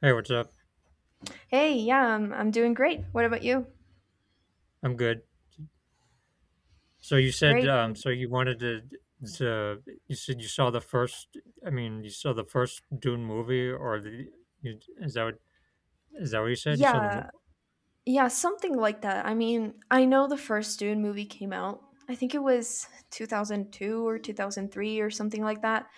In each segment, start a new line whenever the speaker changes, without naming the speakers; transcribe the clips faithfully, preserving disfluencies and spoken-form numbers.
Hey, what's up?
Hey, yeah, I'm I'm doing great. What about you?
I'm good. So you said,
Great.
um,
great.
so you wanted to, to, you said you saw the first, I mean, you saw the first Dune movie or the, you, is that what, is that what you said? You saw the movie?
Yeah, yeah, something like that. I mean, I know the first Dune movie came out. I think it was two thousand two or two thousand three or something like that.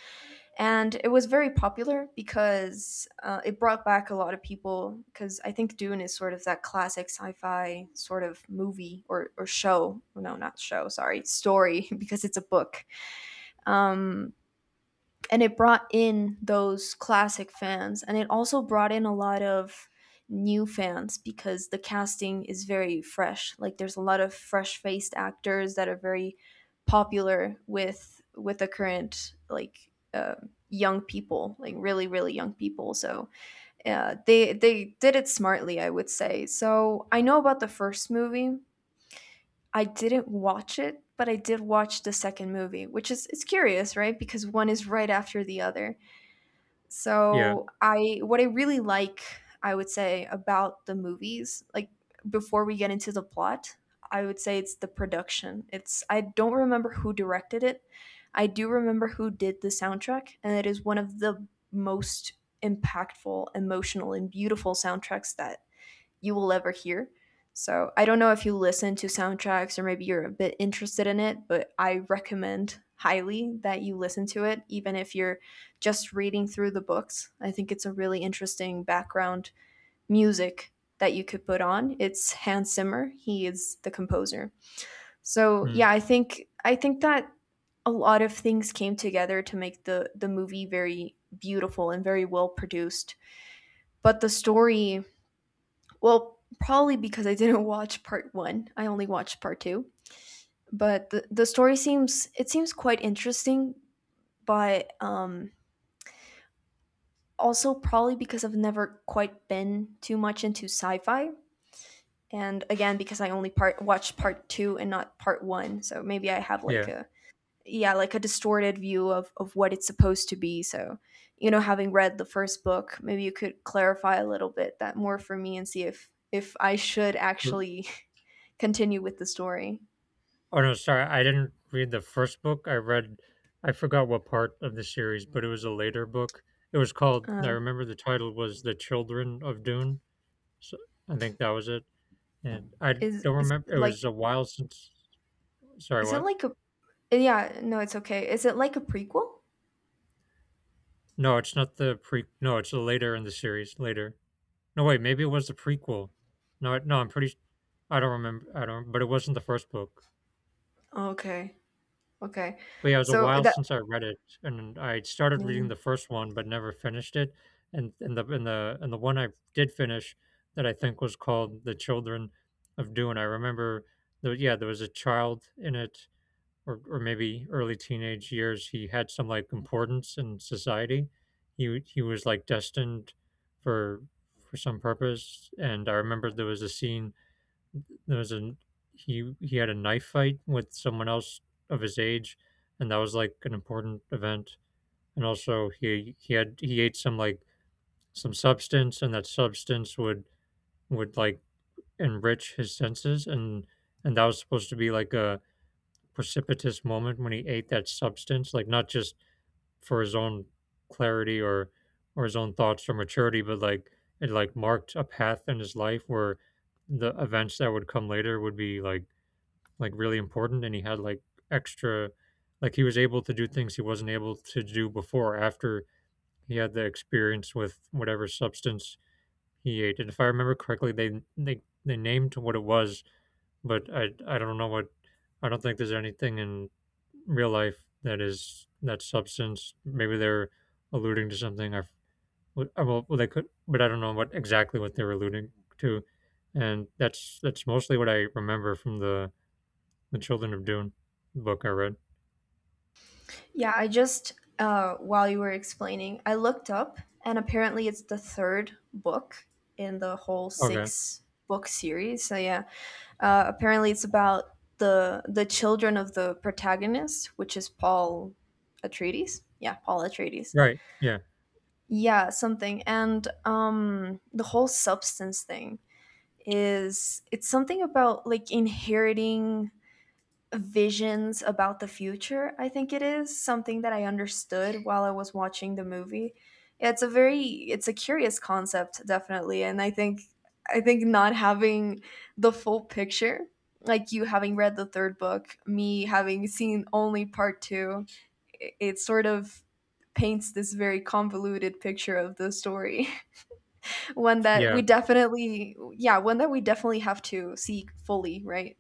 And it was very popular because uh, it brought back a lot of people. Because I think Dune is sort of that classic sci fi sort of movie or, or show. No, not show, sorry, story, because it's a book. Um, and it brought in those classic fans, and it also brought in a lot of new fans because the casting is very fresh, like there's a lot of fresh faced actors that are very popular with with the current, like uh, young people, like really really young people. So uh, they they did it smartly, I would say. So I know about the first movie. I didn't watch it, but I did watch the second movie, which is, it's curious, right? Because one is right after the other.
Yeah.
So I what I really like, I would say, about the movies, like before we get into the plot, I would say it's the production. It's I don't remember who directed it. I do remember who did the soundtrack, and it is one of the most impactful, emotional, and beautiful soundtracks that you will ever hear. So I don't know if you listen to soundtracks, or maybe you're a bit interested in it, but I recommend highly that you listen to it, even if you're just reading through the books. I think it's a really interesting background music that you could put on. It's Hans Zimmer. He is the composer. So
Mm,
yeah, I think I think that a lot of things came together to make the the movie very beautiful and very well produced. But the story well, probably because I didn't watch part one. I only watched part two. But the, the story seems, it seems quite interesting, but um, also probably because I've never quite been too much into sci-fi, and again because I only part watched part two and not part one. So maybe I have like
yeah.
a yeah, like a distorted view of of what it's supposed to be. So you know, having read the first book, maybe you could clarify a little bit that more for me and see if if I should
Mm.
actually continue with the story.
Oh no, sorry. I didn't read the first book. I read, I forgot what part of the series, but it was a later book. It was called, I
Uh,
remember the title was The Children of Dune. So I think that was it. And I
is
don't
is
remember, it
like
was a while since, sorry,
is it
what?
like a yeah no it's okay, is it like a prequel?
No, it's not the pre. No, it's later in the series. Later. No, wait. Maybe it was the prequel. No, I- no. I'm pretty. s- I don't remember. I don't. But it wasn't the first book.
Okay. Okay.
But yeah, it was a
so
while
that
since I read it, and I started reading
Yeah.
the first one, but never finished it. And and the and the and the one I did finish, that I think was called "The Children of Dune." I remember. There, yeah, there was a child in it, or or maybe early teenage years, he had some like importance in society. He he was like destined for for some purpose. And I remember there was a scene. There was a he he had a knife fight with someone else of his age, and that was like an important event. And also he he had he ate some like some substance, and that substance would would like enrich his senses, and and that was supposed to be like a precipitous moment when he ate that substance, like not just for his own clarity or or his own thoughts or maturity, but like it like marked a path in his life where the events that would come later would be like like really important, and he had like extra, like he was able to do things he wasn't able to do before after he had the experience with whatever substance he ate. And if I remember correctly, they they they named what it was, but I I don't know what. I don't think there's anything in real life that is that substance. Maybe they're alluding to something. I well they could, but I don't know what exactly what they're alluding to, and that's that's mostly what I remember from the the Children of Dune book I read.
Yeah, I just uh while you were explaining, I looked up, and apparently it's the third book in the whole
Okay,
six book series. So yeah, uh apparently it's about the the children of the protagonist, which is Paul Atreides. Yeah, Paul Atreides.
right, yeah,
Yeah, something. And um the whole substance thing is, it's something about like inheriting visions about the future. I think it is something that I understood while I was watching the movie. Yeah, it's a very, it's a curious concept, definitely. And I think I think not having the full picture, like you having read the third book, me having seen only part two, it sort of paints this very convoluted picture of the story. One that we
yeah.
definitely, yeah, one that we definitely have to see fully, right?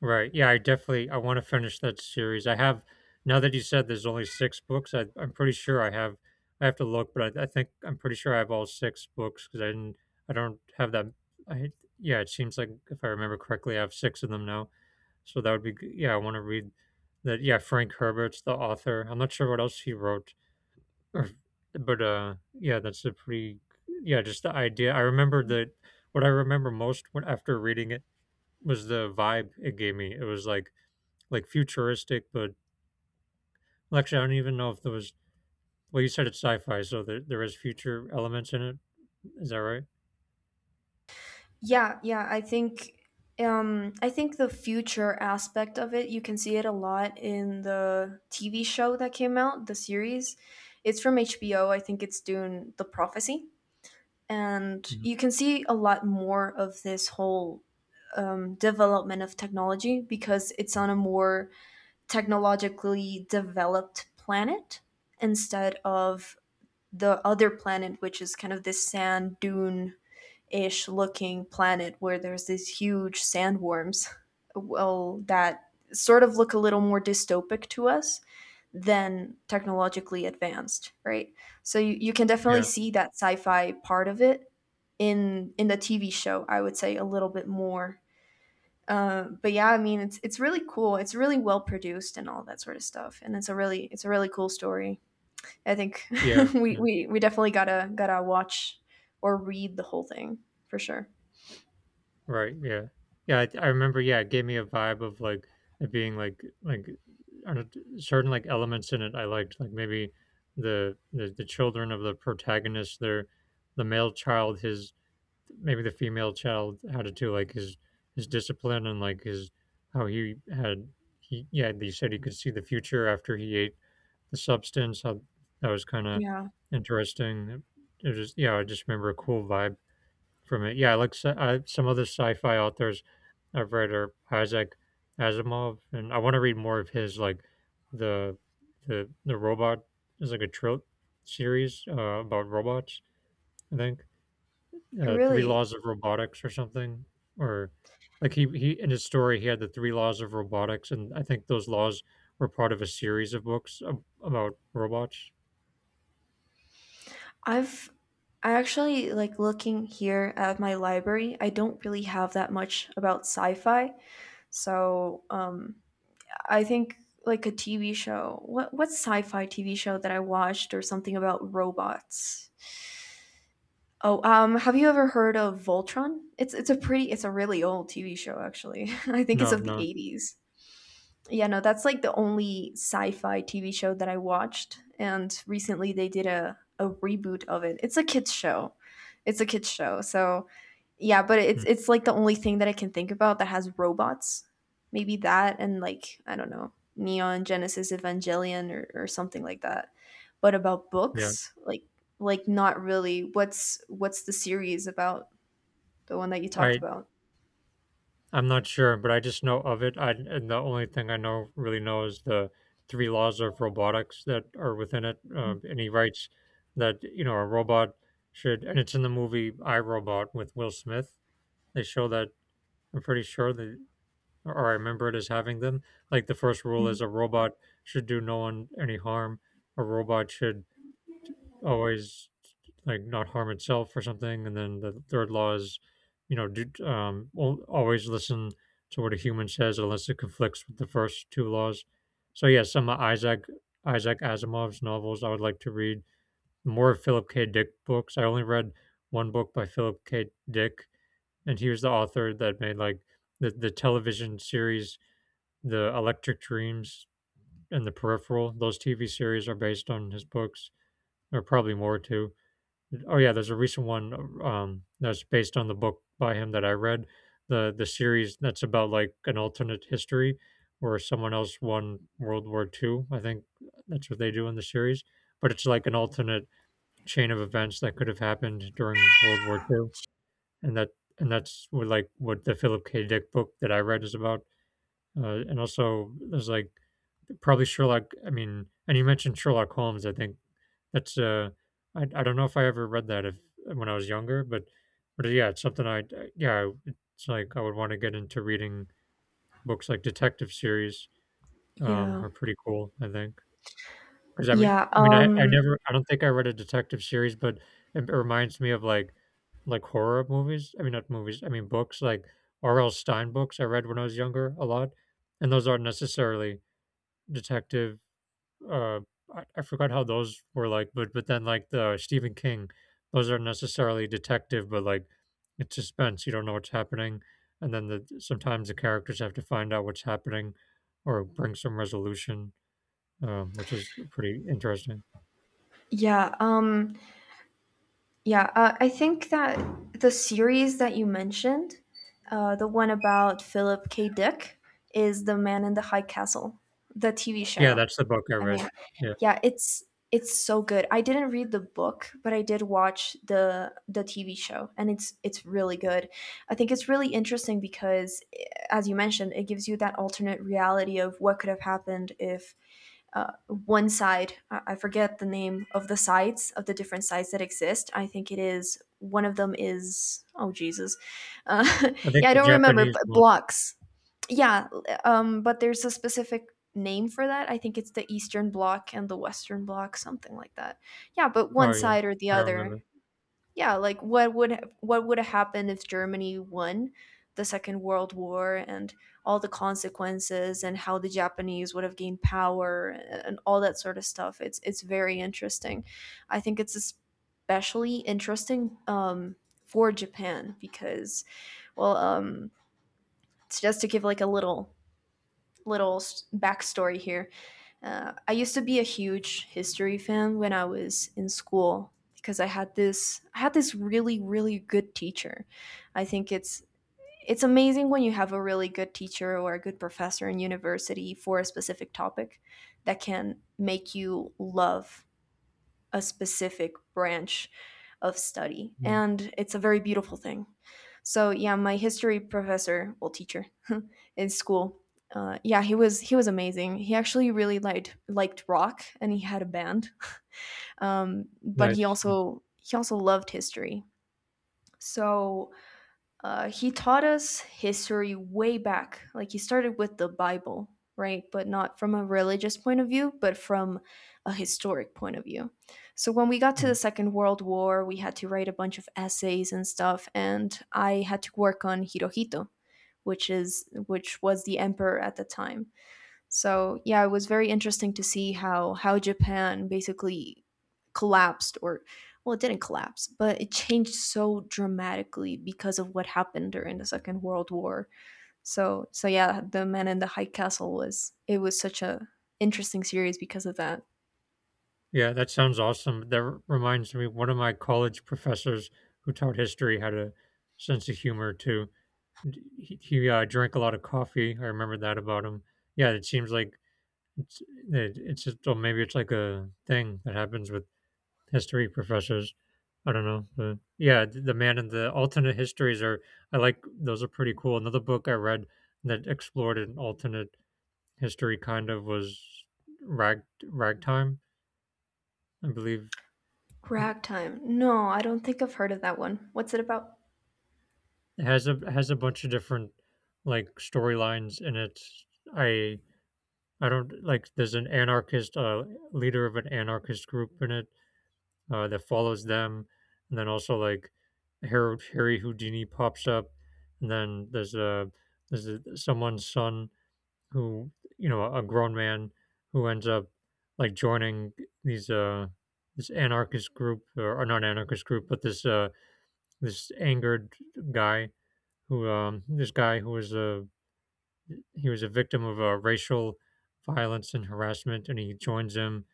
Right. Yeah, I definitely I want to finish that series. I have, now that you said there's only six books. I, I'm pretty sure I have. I have to look, but I, I think I'm pretty sure I have all six books because I didn't. I don't have that. I yeah. It seems like if I remember correctly, I have six of them now. So that would be g- yeah. I want to read that. Yeah, Frank Herbert's the author. I'm not sure what else he wrote, or, but uh, yeah, that's a pretty yeah. Just the idea. I remember that. What I remember most when after reading it was the vibe it gave me. It was like like futuristic, but well, actually, I don't even know if there was. Well, you said it's sci-fi, so there there is future elements in it. Is that right?
Yeah, yeah, I think um I think the future aspect of it, you can see it a lot in the TV show that came out, the series. It's from H B O. I think it's Dune the Prophecy, and
Mhm.
you can see a lot more of this whole um, development of technology because it's on a more technologically developed planet, instead of the other planet, which is kind of this sand dune ish looking planet where there's these huge sandworms. Well, that sort of look a little more dystopic to us than technologically advanced, right? So you, you can definitely
Yeah,
see that sci-fi part of it in in the T V show, I would say, a little bit more. Uh, but yeah, I mean, it's it's really cool. It's really well produced and all that sort of stuff. And it's a really, it's a really cool story. I think
yeah,
we,
yeah,
we we definitely gotta gotta watch or read the whole thing for sure.
right, yeah, yeah. I, I remember. Yeah, it gave me a vibe of like it being like like I don't- certain like elements in it I liked, like maybe the the, the children of the protagonist, their the male child, his, maybe the female child had it too, like his his discipline and like his how he had he yeah they said he could see the future after he ate the substance uh, that was kind of
Yeah,
interesting. It was yeah, I just remember a cool vibe from it. Yeah, like sci- uh, some other sci-fi authors I've read are Isaac Asimov, and I want to read more of his like the the the robot is like a trill series uh, about robots. I think uh, three
really.
laws of robotics or something, or like he he in his story he had the three laws of robotics, and I think those laws were part of a series of books ab- about robots.
I've I actually, like looking here at my library, I don't really have that much about sci-fi. So um, I think, like a T V show. What what sci-fi T V show that I watched or something about robots? Oh, um, have you ever heard of Voltron? It's it's a pretty, it's a really old T V show actually. I think it's
No,
of the
no.
eighties. Yeah, no, that's like the only sci-fi T V show that I watched, and recently they did a a reboot of it. It's a kids show. It's a kids show. So yeah, but it's
Mm,
it's like the only thing that I can think about that has robots. Maybe that, and like I don't know, Neon Genesis Evangelion or, or something like that. But about
yeah.
books, like like not really. What's what's the series about? The one that you talked
I
about.
I'm not sure, but I just know of it. I and the only thing I know really know is the three laws of robotics that are within it. Uh, and he writes that, you know, a robot should, and it's in the movie I Robot with Will Smith. They show that I'm pretty sure that or I remember it as having them. Like the first rule
Mhm.
is a robot should do no one any harm. A robot should always like not harm itself or something. And then the third law is, you know, do, um, al- always listen to what a human says unless it conflicts with the first two laws. So yeah, some of Isaac Isaac Asimov's novels I would like to read. More of Philip K. Dick books. I only read one book by Philip K. Dick, and he was the author that made like the the television series, The Electric Dreams and The Peripheral. Those T V series are based on his books, or probably more too. Oh yeah, there's a recent one um, that's based on the book by him that I read. The the series that's about like an alternate history where someone else won World War two. I think that's what they do in the series, but it's like an alternate chain of events that could have happened during World War two, and that and that's what like what the Philip K. Dick book that I read is about. Uh, and also, there's like probably Sherlock. I mean, and you mentioned Sherlock Holmes. I think that's uh, I I don't know if I ever read that if when I was younger, but but yeah, it's something I yeah, it's like I would want to get into reading books like detective series. Um,
Yeah.
are pretty cool. I think because I mean
Yeah.
I mean I I
Um
never I don't think I read a detective series, but it reminds me of like like horror movies. I mean, not movies. I mean books like R L. Stein books. I read when I was younger a lot, and those aren't necessarily detective uh I, I forgot how those were like, but but then like the Stephen King, those aren't necessarily detective but like it's suspense, you don't know what's happening, and then the sometimes the characters have to find out what's happening or bring some resolution, um, which is pretty interesting.
yeah. Um Yeah, uh, I think that the series that you mentioned, uh, the one about Philip K. Dick, is The Man in the High Castle, the T V
Yeah,
show.
that's the book I
I
read.
mean,
Yeah,
yeah, it's it's so good. I didn't read the book, but I did watch the the T V show, and it's it's really good. I think it's really interesting because, eh, as you mentioned, it gives you that alternate reality of what could have happened if uh, one side. I forget the name of the sites of the different sites that exist. I think it is one of them is, oh Jesus, uh,
I think
yeah I
the
don't remember.
Japanese
But
one.
blocks, yeah. Um, but there's a specific name for that. I think it's the Eastern Bloc and the Western Bloc, something like that. Yeah, but one
Oh yeah,
side or the
I don't
other,
remember.
yeah, like what would, what would have happened if Germany won the Second World War, and all the consequences, and how the Japanese would have gained power and all that sort of stuff. it's it's very interesting. I think it's especially interesting, um, for Japan because, well, um, so just to give like a little little s- backstory here. Uh, I used to be a huge history fan when I was in school because I had this, I had this really really good teacher. I think it's it's amazing when you have a really good teacher or a good professor in university for a specific topic that can make you love a specific branch of study.
Mm.
And it's a very beautiful thing. So yeah, my history professor, well, teacher, in school, uh, yeah, he was he was amazing. He actually really liked liked rock, and he had a band. Um, but he
Nice.
also he also loved history. So uh, he taught us history way back. Like, he started with the Bible, right? But not from a religious point of view, but from a historic point of view. So when we got to the
Mm.
Second World War, we had to write a bunch of essays and stuff, and I had to work on Hirohito, which is, which was the emperor at the time. So yeah, it was very interesting to see how how Japan basically collapsed, or well, it didn't collapse, but it changed so dramatically because of what happened during the Second World War. So so yeah, The Man in the High Castle was, it was such a interesting series because of that.
Yeah, that sounds awesome. That r- reminds me, one of my college professors who taught history had a sense of humor too. D- He, he uh, drank a lot of coffee. I remember that about him. Yeah, it seems like it's, it, it's just, or maybe it's like a thing that happens with history professors. I don't know. But yeah, th- the man and the alternate histories are, I like, those are pretty cool. Another book I read that explored an alternate history kind of was Rag, Ragtime, I believe.
Ragtime. No, I don't think I've heard of that one. What's it about?
It has a has a bunch of different like storylines, and it's I I don't like there's an anarchist uh leader of an anarchist group in it uh that follows them, and then also like Harry, Harry Houdini pops up, and then there's a there's a someone's son who, you know, a grown man who ends up like joining these uh this anarchist group, or, or not anarchist group but this uh this angered guy who um, this guy who was a he was a victim of uh, racial violence and harassment, and he joins him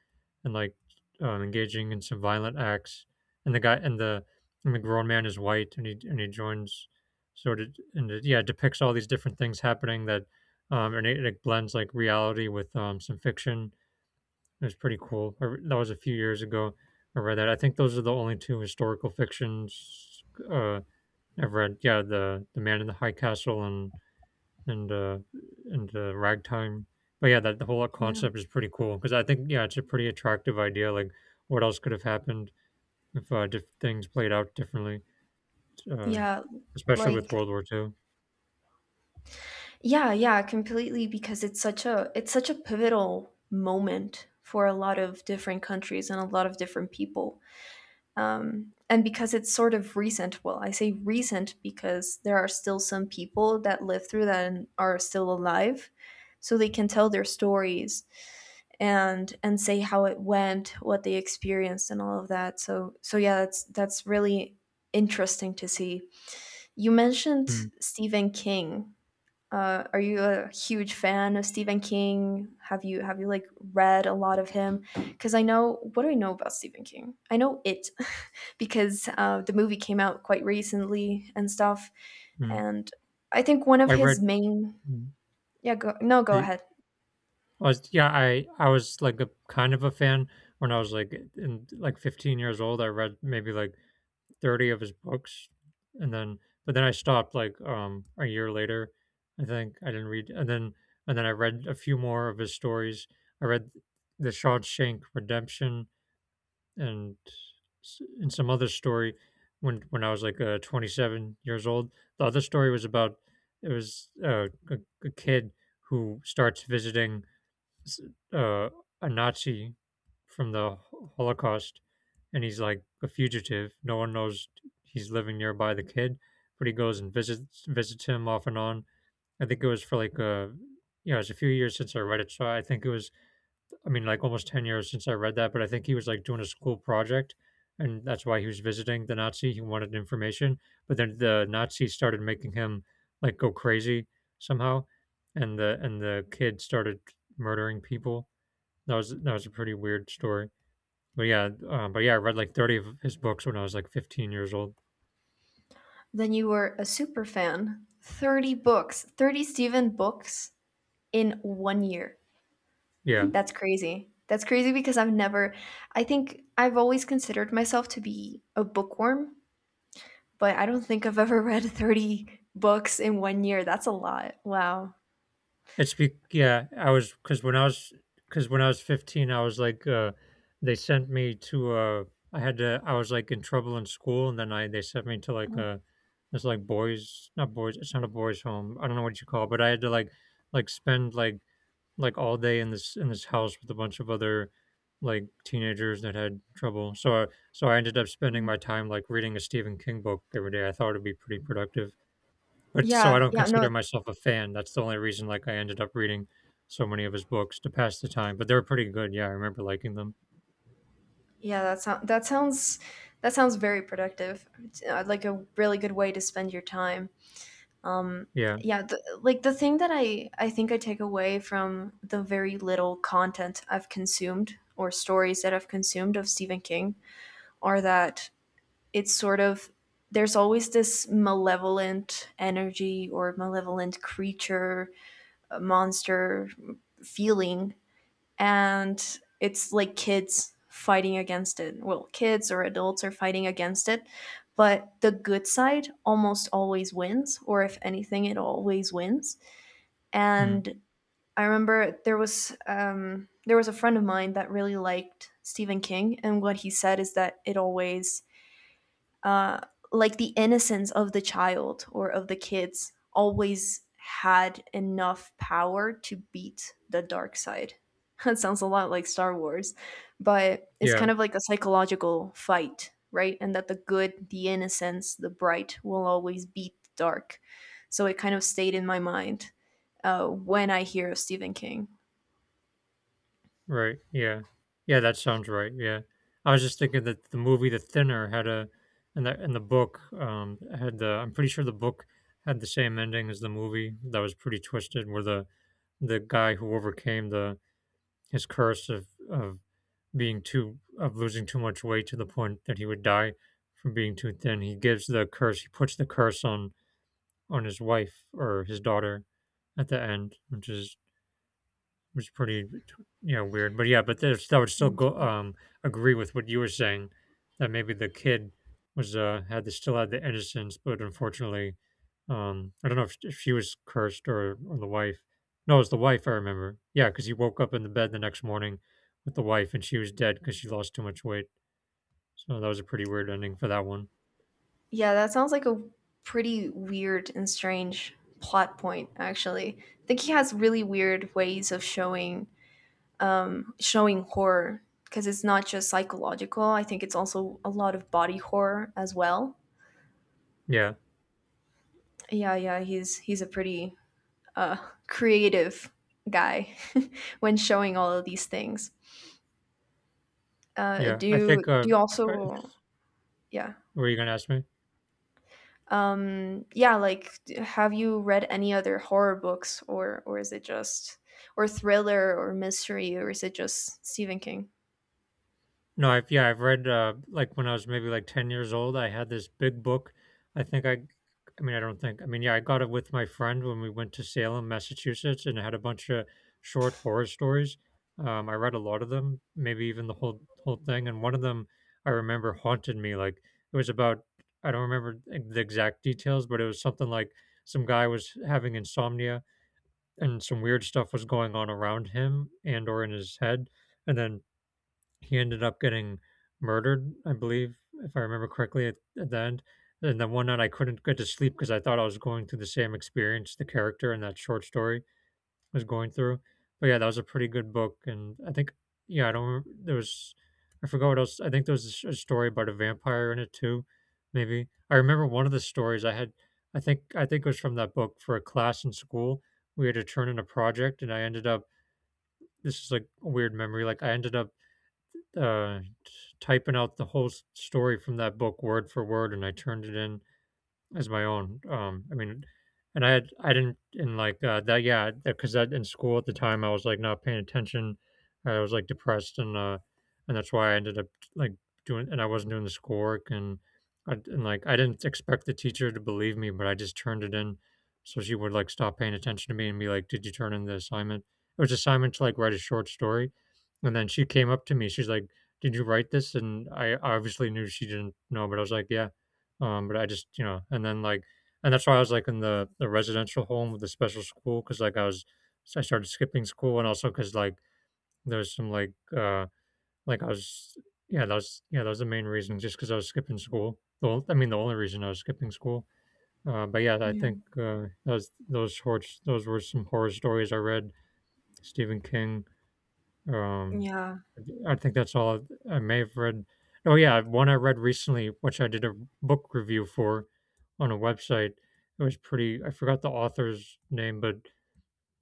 and like um, engaging in some violent acts. And the guy and the and the grown man is white, and he and he joins sort of, and it, yeah, depicts all these different things happening that um, and it, it blends like reality with um, some fiction. It was pretty cool. I, re- that was a few years ago. I read that. I think those are the only two historical fictions uh, I've read. Yeah, the the Man in the High Castle, and and uh, and uh, ragtime. But yeah, that the whole
Yeah.
concept is pretty cool because I think yeah, it's a pretty attractive idea. Like, what else could have happened if uh, diff- things played out differently, uh,
Yeah,
especially with
like
World War Two.
yeah, yeah, completely because it's such a, it's such a pivotal moment for a lot of different countries and a lot of different people. Um, and because it's sort of recent, well, I say recent because there are still some people that lived through that and are still alive, so they can tell their stories and and say how it went, what they experienced and all of that. So so yeah, that's that's really interesting to see. You mentioned
Mm.
Stephen King. Uh, are you a huge fan of Stephen King? Have you have you like read a lot of him? Because I know, what do I know about Stephen King? I know it because uh, the movie came out quite recently and stuff.
Mm.
And I think one of
I
his
read
main,
mm,
yeah go, no go
the
ahead.
I was yeah I I was like a kind of a fan when I was like in like fifteen years old. I read maybe like thirty of his books, and then but then I stopped like um a year later. I think I didn't read, and then and then I read a few more of his stories. I read the Shawshank Redemption, and s- and some other story when when I was like uh, twenty-seven years old. The other story was about — it was uh, a, a kid who starts visiting s- uh, a Nazi from the Holocaust, and he's like a fugitive. No one knows he's living nearby the kid, but he goes and visits visits him off and on. I think it was for like a — you know, it's a few years since I read it, so I think it was I mean, like, almost ten years since I read that, but I think he was like doing a school project. And that's why he was visiting the Nazi. He wanted information, but then the Nazi started making him like go crazy somehow, and the and the kid started murdering people. That was that was a pretty weird story. But yeah, um, but yeah, I read like thirty of his books when I was like fifteen years old.
Then you were a super fan. Thirty books, thirty Stephen books in one year.
Yeah.
That's crazy. That's crazy because I've never. I think I've always considered myself to be a bookworm, but I don't think I've ever read thirty books in one year. That's a lot. Wow.
It's be Yeah, I was cuz when I was cuz when I was fifteen, I was like uh they sent me to uh I had to I was like in trouble in school, and then I they sent me to like
Oh.
uh this like boys, not boys, it's not a boys home. I don't know what you call it, but I had to like like spend like like all day in this in this house with a bunch of other like teenagers that had trouble. So I, so I ended up spending
Mm.
my time like reading a Stephen King book every day. I thought it'd be pretty productive. But so I
Yeah,
don't
yeah, no,
consider myself a fan. That's the only reason like I ended up reading so many of his books to pass the time. But they were pretty good. Yeah, I remember liking them.
yeah, that sounds, that sounds, that sounds very productive. It's, uh, like a really good way to spend your time. Um,
Yeah.
yeah, the, like the thing that I I think I take away from the very little content I've consumed or stories that I've consumed of Stephen King are that it's sort of there's always this malevolent energy or malevolent creature, monster, feeling, and it's like kids fighting against it, well, kids or adults are fighting against it, but the good side almost always wins, or if anything it always wins.
Mm.
And I remember there was um, there was a friend of mine that really liked Stephen King, and what he said is that it always uh, like the innocence of the child or of the kids always had enough power to beat the dark side. That sounds a lot like Star Wars, but it's
Yeah.
kind of like a psychological fight, right? And that the good, the innocence, the bright will always beat the dark. So it kind of stayed in my mind uh, when I hear of Stephen King.
Right, yeah. Yeah, that sounds right, yeah. I was just thinking that the movie The Thinner had a — and the and the book, um, had the I'm pretty sure the book had the same ending as the movie, that was pretty twisted, where the the guy who overcame the his curse of of being too of losing too much weight to the point that he would die from being too thin. He gives the curse he puts the curse on on his wife or his daughter at the end, which is which is pretty you know weird. But yeah, but there's that would still go, um agree with what you were saying, that maybe the kid was uh had the, still had the innocence, but unfortunately, um I don't know if, if she was cursed or or the wife. No, it was the wife. I remember. Yeah, because he woke up in the bed the next morning with the wife, and she was dead because she lost too much weight. So that was a pretty weird ending for that one.
Yeah, that sounds like a pretty weird and strange plot point actually. I think he has really weird ways of showing showing horror, because it's not just psychological. I think it's also a lot of body horror as well.
Yeah,
Yeah, yeah, he's he's a pretty uh creative guy when showing all of these things. Uh
yeah. I
do
think. Uh,
do you
uh,
also yeah.
were you gonna ask me?
Um, yeah, like d- have you read any other horror books, or or is it just or thriller or mystery, or is it just Stephen King?
No, I've yeah, I've read uh, like when I was maybe like ten years old, I had this big book. I think I I mean, I don't think. I mean, yeah, I got it with my friend when we went to Salem, Massachusetts, and it had a bunch of short horror stories. Um, I read a lot of them, maybe even the whole whole thing, and one of them I remember haunted me. Like it was about — I don't remember e- the exact details, but it was something like some guy was having insomnia, and some weird stuff was going on around him and or in his head, and then he ended up getting murdered, I believe, if I remember correctly, at, at the end. And then one night I couldn't get to sleep because I thought I was going through the same experience the character in that short story was going through. But yeah, that was a pretty good book, and I think — yeah, I don't remember, there was I forgot what else. I think there was a s- a story about a vampire in it too, maybe. I remember one of the stories I had. I think I think it was from that book for a class in school. We had to turn in a project, and I ended up — this is like a weird memory. Like I ended up uh, t- typing out the whole s- story from that book word for word, and I turned it in as my own. Um, I mean, and I had I didn't in like uh, that. Yeah, because that in school at the time I was like not paying attention. I was like depressed, and uh, and that's why I ended up like doing. And I wasn't doing the schoolwork, and I, and like I didn't expect the teacher to believe me, but I just turned it in. So she would like stop paying attention to me and be like, "Did you turn in the assignment?" It was assignment to like write a short story, and then she came up to me. She's like, "Did you write this?" And I obviously knew she didn't know, but I was like, "Yeah." Um, but I just, you know, and then like, and that's why I was like in the, the residential home with the special school, because like I was, I started skipping school, and also because like there was some like, uh, like I was, yeah, that was, yeah, that was the main reason, just because I was skipping school. The, on- I mean, the only reason I was skipping school. Uh, but yeah, I
Yeah.
think uh, those those horror, those were some horror stories I read. Stephen King, um,
Yeah.
I think that's all I may have read. Oh yeah, one I read recently, which I did a book review for on a website. It was pretty. I forgot the author's name, but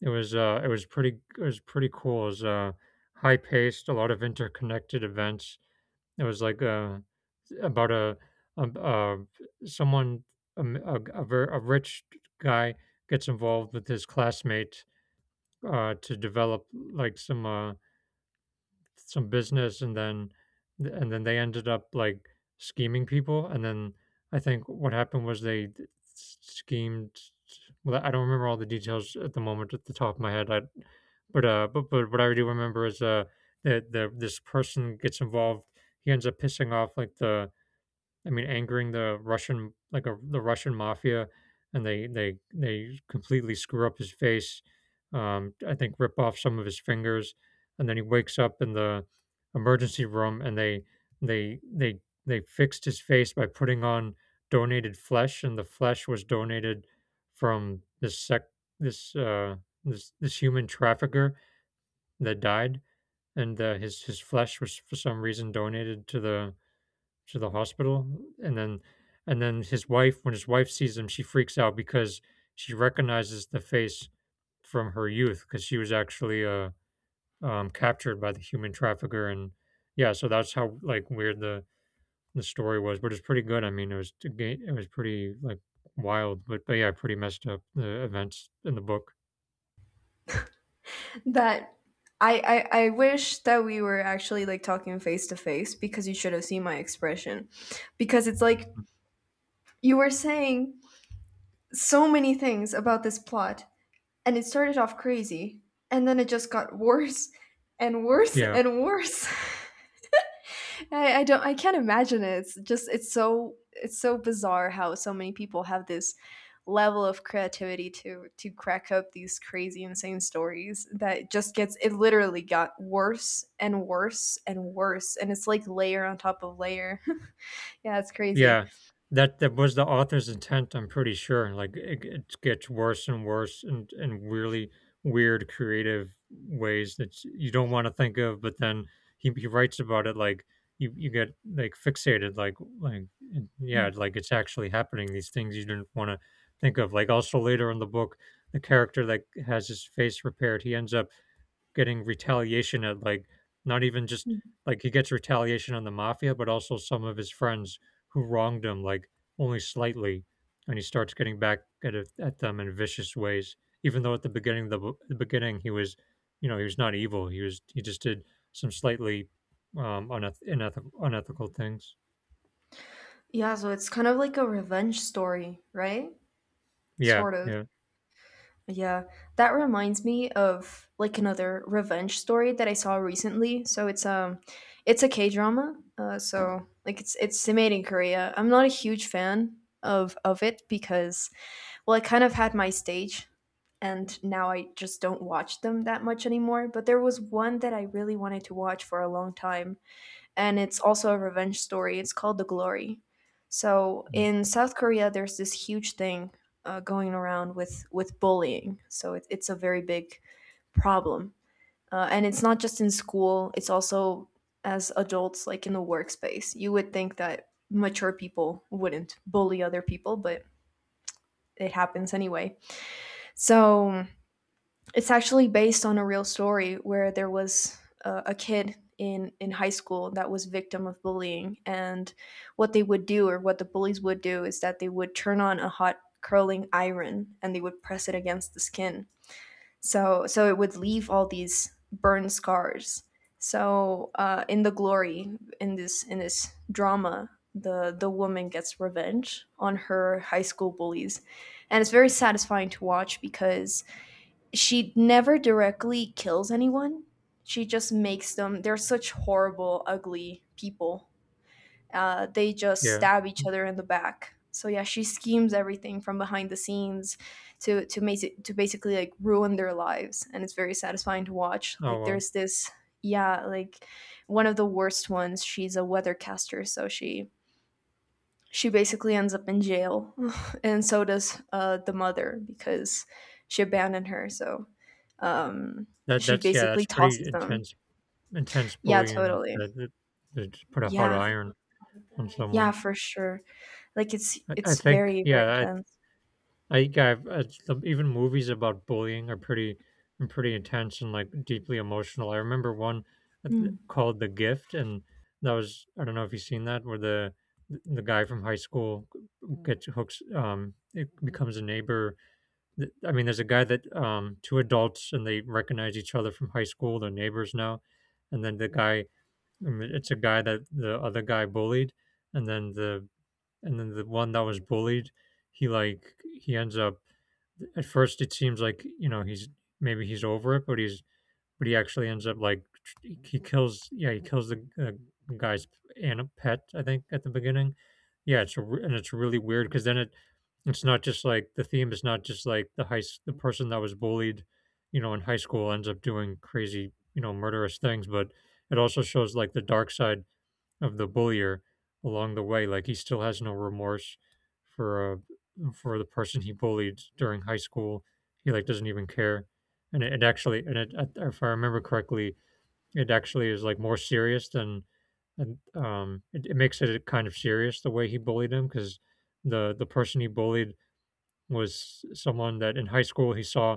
it was uh, it was pretty. It was pretty cool. It was uh, high paced, a lot of interconnected events. It was like uh, about a, a, a someone a, m- a, g- a ver- a rich guy gets involved with his classmate, uh, to develop like some uh, some business, and then and then they ended up like scheming people. And then I think what happened was they d- s- schemed — well, I don't remember all the details at the moment, at the top of my head, I but uh but, but what I do remember is uh that the this person gets involved, he ends up pissing off like the I mean, angering the Russian, like a, the Russian mafia, and they they they completely screw up his face. Um, I think rip off some of his fingers, and then he wakes up in the emergency room, and they they they they fixed his face by putting on donated flesh. And the flesh was donated from this sec this uh, this this human trafficker that died, and uh, his his flesh was for some reason donated to the to the hospital. And then and then his wife when his wife sees him, she freaks out because she recognizes the face from her youth, because she was actually uh um captured by the human trafficker. And yeah, so that's how like weird the the story was, but it's pretty good. I mean, it was to it was pretty like wild, but but yeah pretty messed up, the events in the book.
That I, I I wish that we were actually like talking face to face, because you should have seen my expression. Because it's like you were saying so many things about this plot, and it started off crazy, and then it just got worse and worse
Yeah.
and worse. I, I don't, I can't imagine it. It's just it's so, it's so bizarre how so many people have this level of creativity to to crack up these crazy insane stories that just gets, it literally got worse and worse and worse, and it's like layer on top of layer. Yeah, it's crazy.
Yeah, that that was the author's intent, I'm pretty sure. And like it, it gets worse and worse, and and really weird creative ways that you don't want to think of, but then he, he writes about it like you, you get like fixated, like like it- yeah, like it's actually happening, these things you didn't want to think of. Like also later in the book, the character that has his face repaired, he ends up getting retaliation, at like not even just like he gets retaliation on the mafia, but also some of his friends who wronged him like only slightly, and he starts getting back at it- at them in vicious ways. Even though at the beginning, the, bo- the beginning he was, you know, he was not evil. He was he just did some slightly um uneth- uneth unethical things.
Yeah, so it's kind of like a revenge story, right?
Yeah,
Sort of.
yeah,
Yeah, that reminds me of like another revenge story that I saw recently. So it's um it's a K-drama. Uh so like it's it's made in Korea. I'm not a huge fan of of it because, well, I kind of had my stage, and now I just don't watch them that much anymore, but there was one that I really wanted to watch for a long time, and it's also a revenge story. It's called The Glory. So
yeah.
in South Korea, there's this huge thing uh, going around with with bullying. So it, it's a very big problem, uh, and it's not just in school. It's also as adults, like in the workspace. You would think that mature people wouldn't bully other people, but it happens anyway. So it's actually based on a real story where there was a, a kid in in high school that was victim of bullying, and what they would do, or what the bullies would do, is that they would turn on a hot curling iron and they would press it against the skin. So so it would leave all these burn scars. So uh, in The Glory, in this in this drama, the the woman gets revenge on her high school bullies, and it's very satisfying to watch because she never directly kills anyone. She just makes them. They're such horrible, ugly people. Uh, they just
Yeah.
stab each other in the back. So yeah, she schemes everything from behind the scenes to to make it, to basically like ruin their lives, and it's very satisfying to watch.
Oh
Like
well,
there's this, yeah, like one of the worst ones. She's a weathercaster, so she she basically ends up in jail, and so does uh, the mother, because she abandoned her. So
that
she
that's, yeah, that's
basically
pretty
tosses them.
intense intense
Yeah,
bullying,
totally.
that that, that just put a hot
Yeah.
iron on
Yeah,
someone.
for sure. Like it's
I I
it's
think,
very very
yeah,
intense.
I, I, yeah, I've, uh, even movies about bullying are pretty, are pretty intense, and like deeply emotional. I remember one uh, th- called The Gift, and that was — I don't know if you've seen that — where the the guy from high school gets hooks, um, it becomes a neighbor. Th- I mean, there's a guy that, um, two adults, and they recognize each other from high school, they're neighbors now. And then the guy — I mean, it's a guy that the other guy bullied, and then the and then the one that was bullied, he like he ends up — at first it seems like, you know he's — maybe he's over it, but he's but he actually ends up like — he kills yeah he kills the uh, guy's, and pet, I think, at the beginning. Yeah, it's a — re- and it's really weird because then it it's not just like the theme, is not just like the high the person that was bullied, you know in high school, ends up doing crazy, you know murderous things, but it also shows like the dark side of the bullier along the way. Like he still has no remorse for uh, for the person he bullied during high school. He like doesn't even care, and it, it actually, and it, if I remember correctly, it actually is like more serious than, and um, it, it makes it kind of serious the way he bullied him, because the the person he bullied was someone that in high school he saw —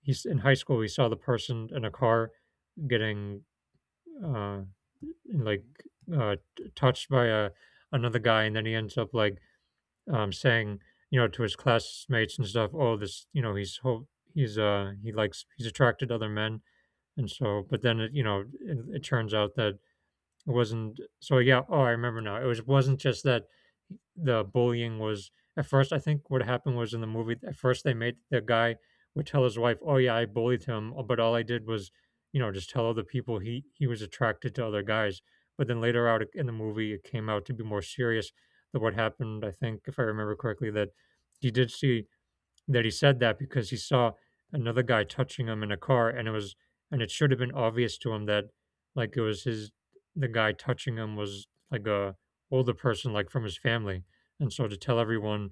he's in high school he saw the person in a car getting uh, like uh, t- touched by a another guy, and then he ends up like um, saying, you know, to his classmates and stuff, "Oh, this, you know, he's ho- he's uh he likes he's attracted to other men," and so, but then it, you know, it, it turns out that it wasn't — so yeah, oh, I remember now. It was wasn't just that the bullying was — at first I think what happened was, in the movie at first they made the guy would tell his wife, "Oh yeah, I bullied him, uh, but all I did was, you know, just tell other people he he was attracted to other guys." But then later out in the movie it came out to be more serious than what happened, I think, if I remember correctly, that he did see — that he said that because he saw another guy touching him in a car, and it was and it should have been obvious to him that like it was his the guy touching him was like a older person like from his family, and so to tell everyone,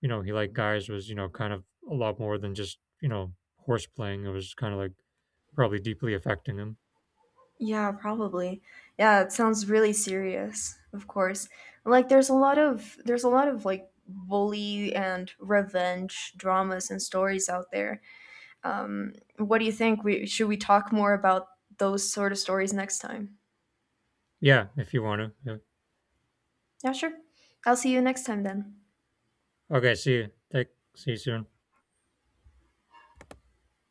you know, he liked guys was, you know, kind of a lot more than just, you know, horse playing. It was kind of like probably deeply affecting him.
Yeah, probably. Yeah, it sounds really serious. Of course. Like there's a lot of, there's a lot of like bully and revenge dramas and stories out there. Um, what do you think? We should, we talk more about those sort of stories next time?
Yeah, if you want to.
Yeah, sure. I'll see you next time then.
Yeah. Okay, see you, take see you soon.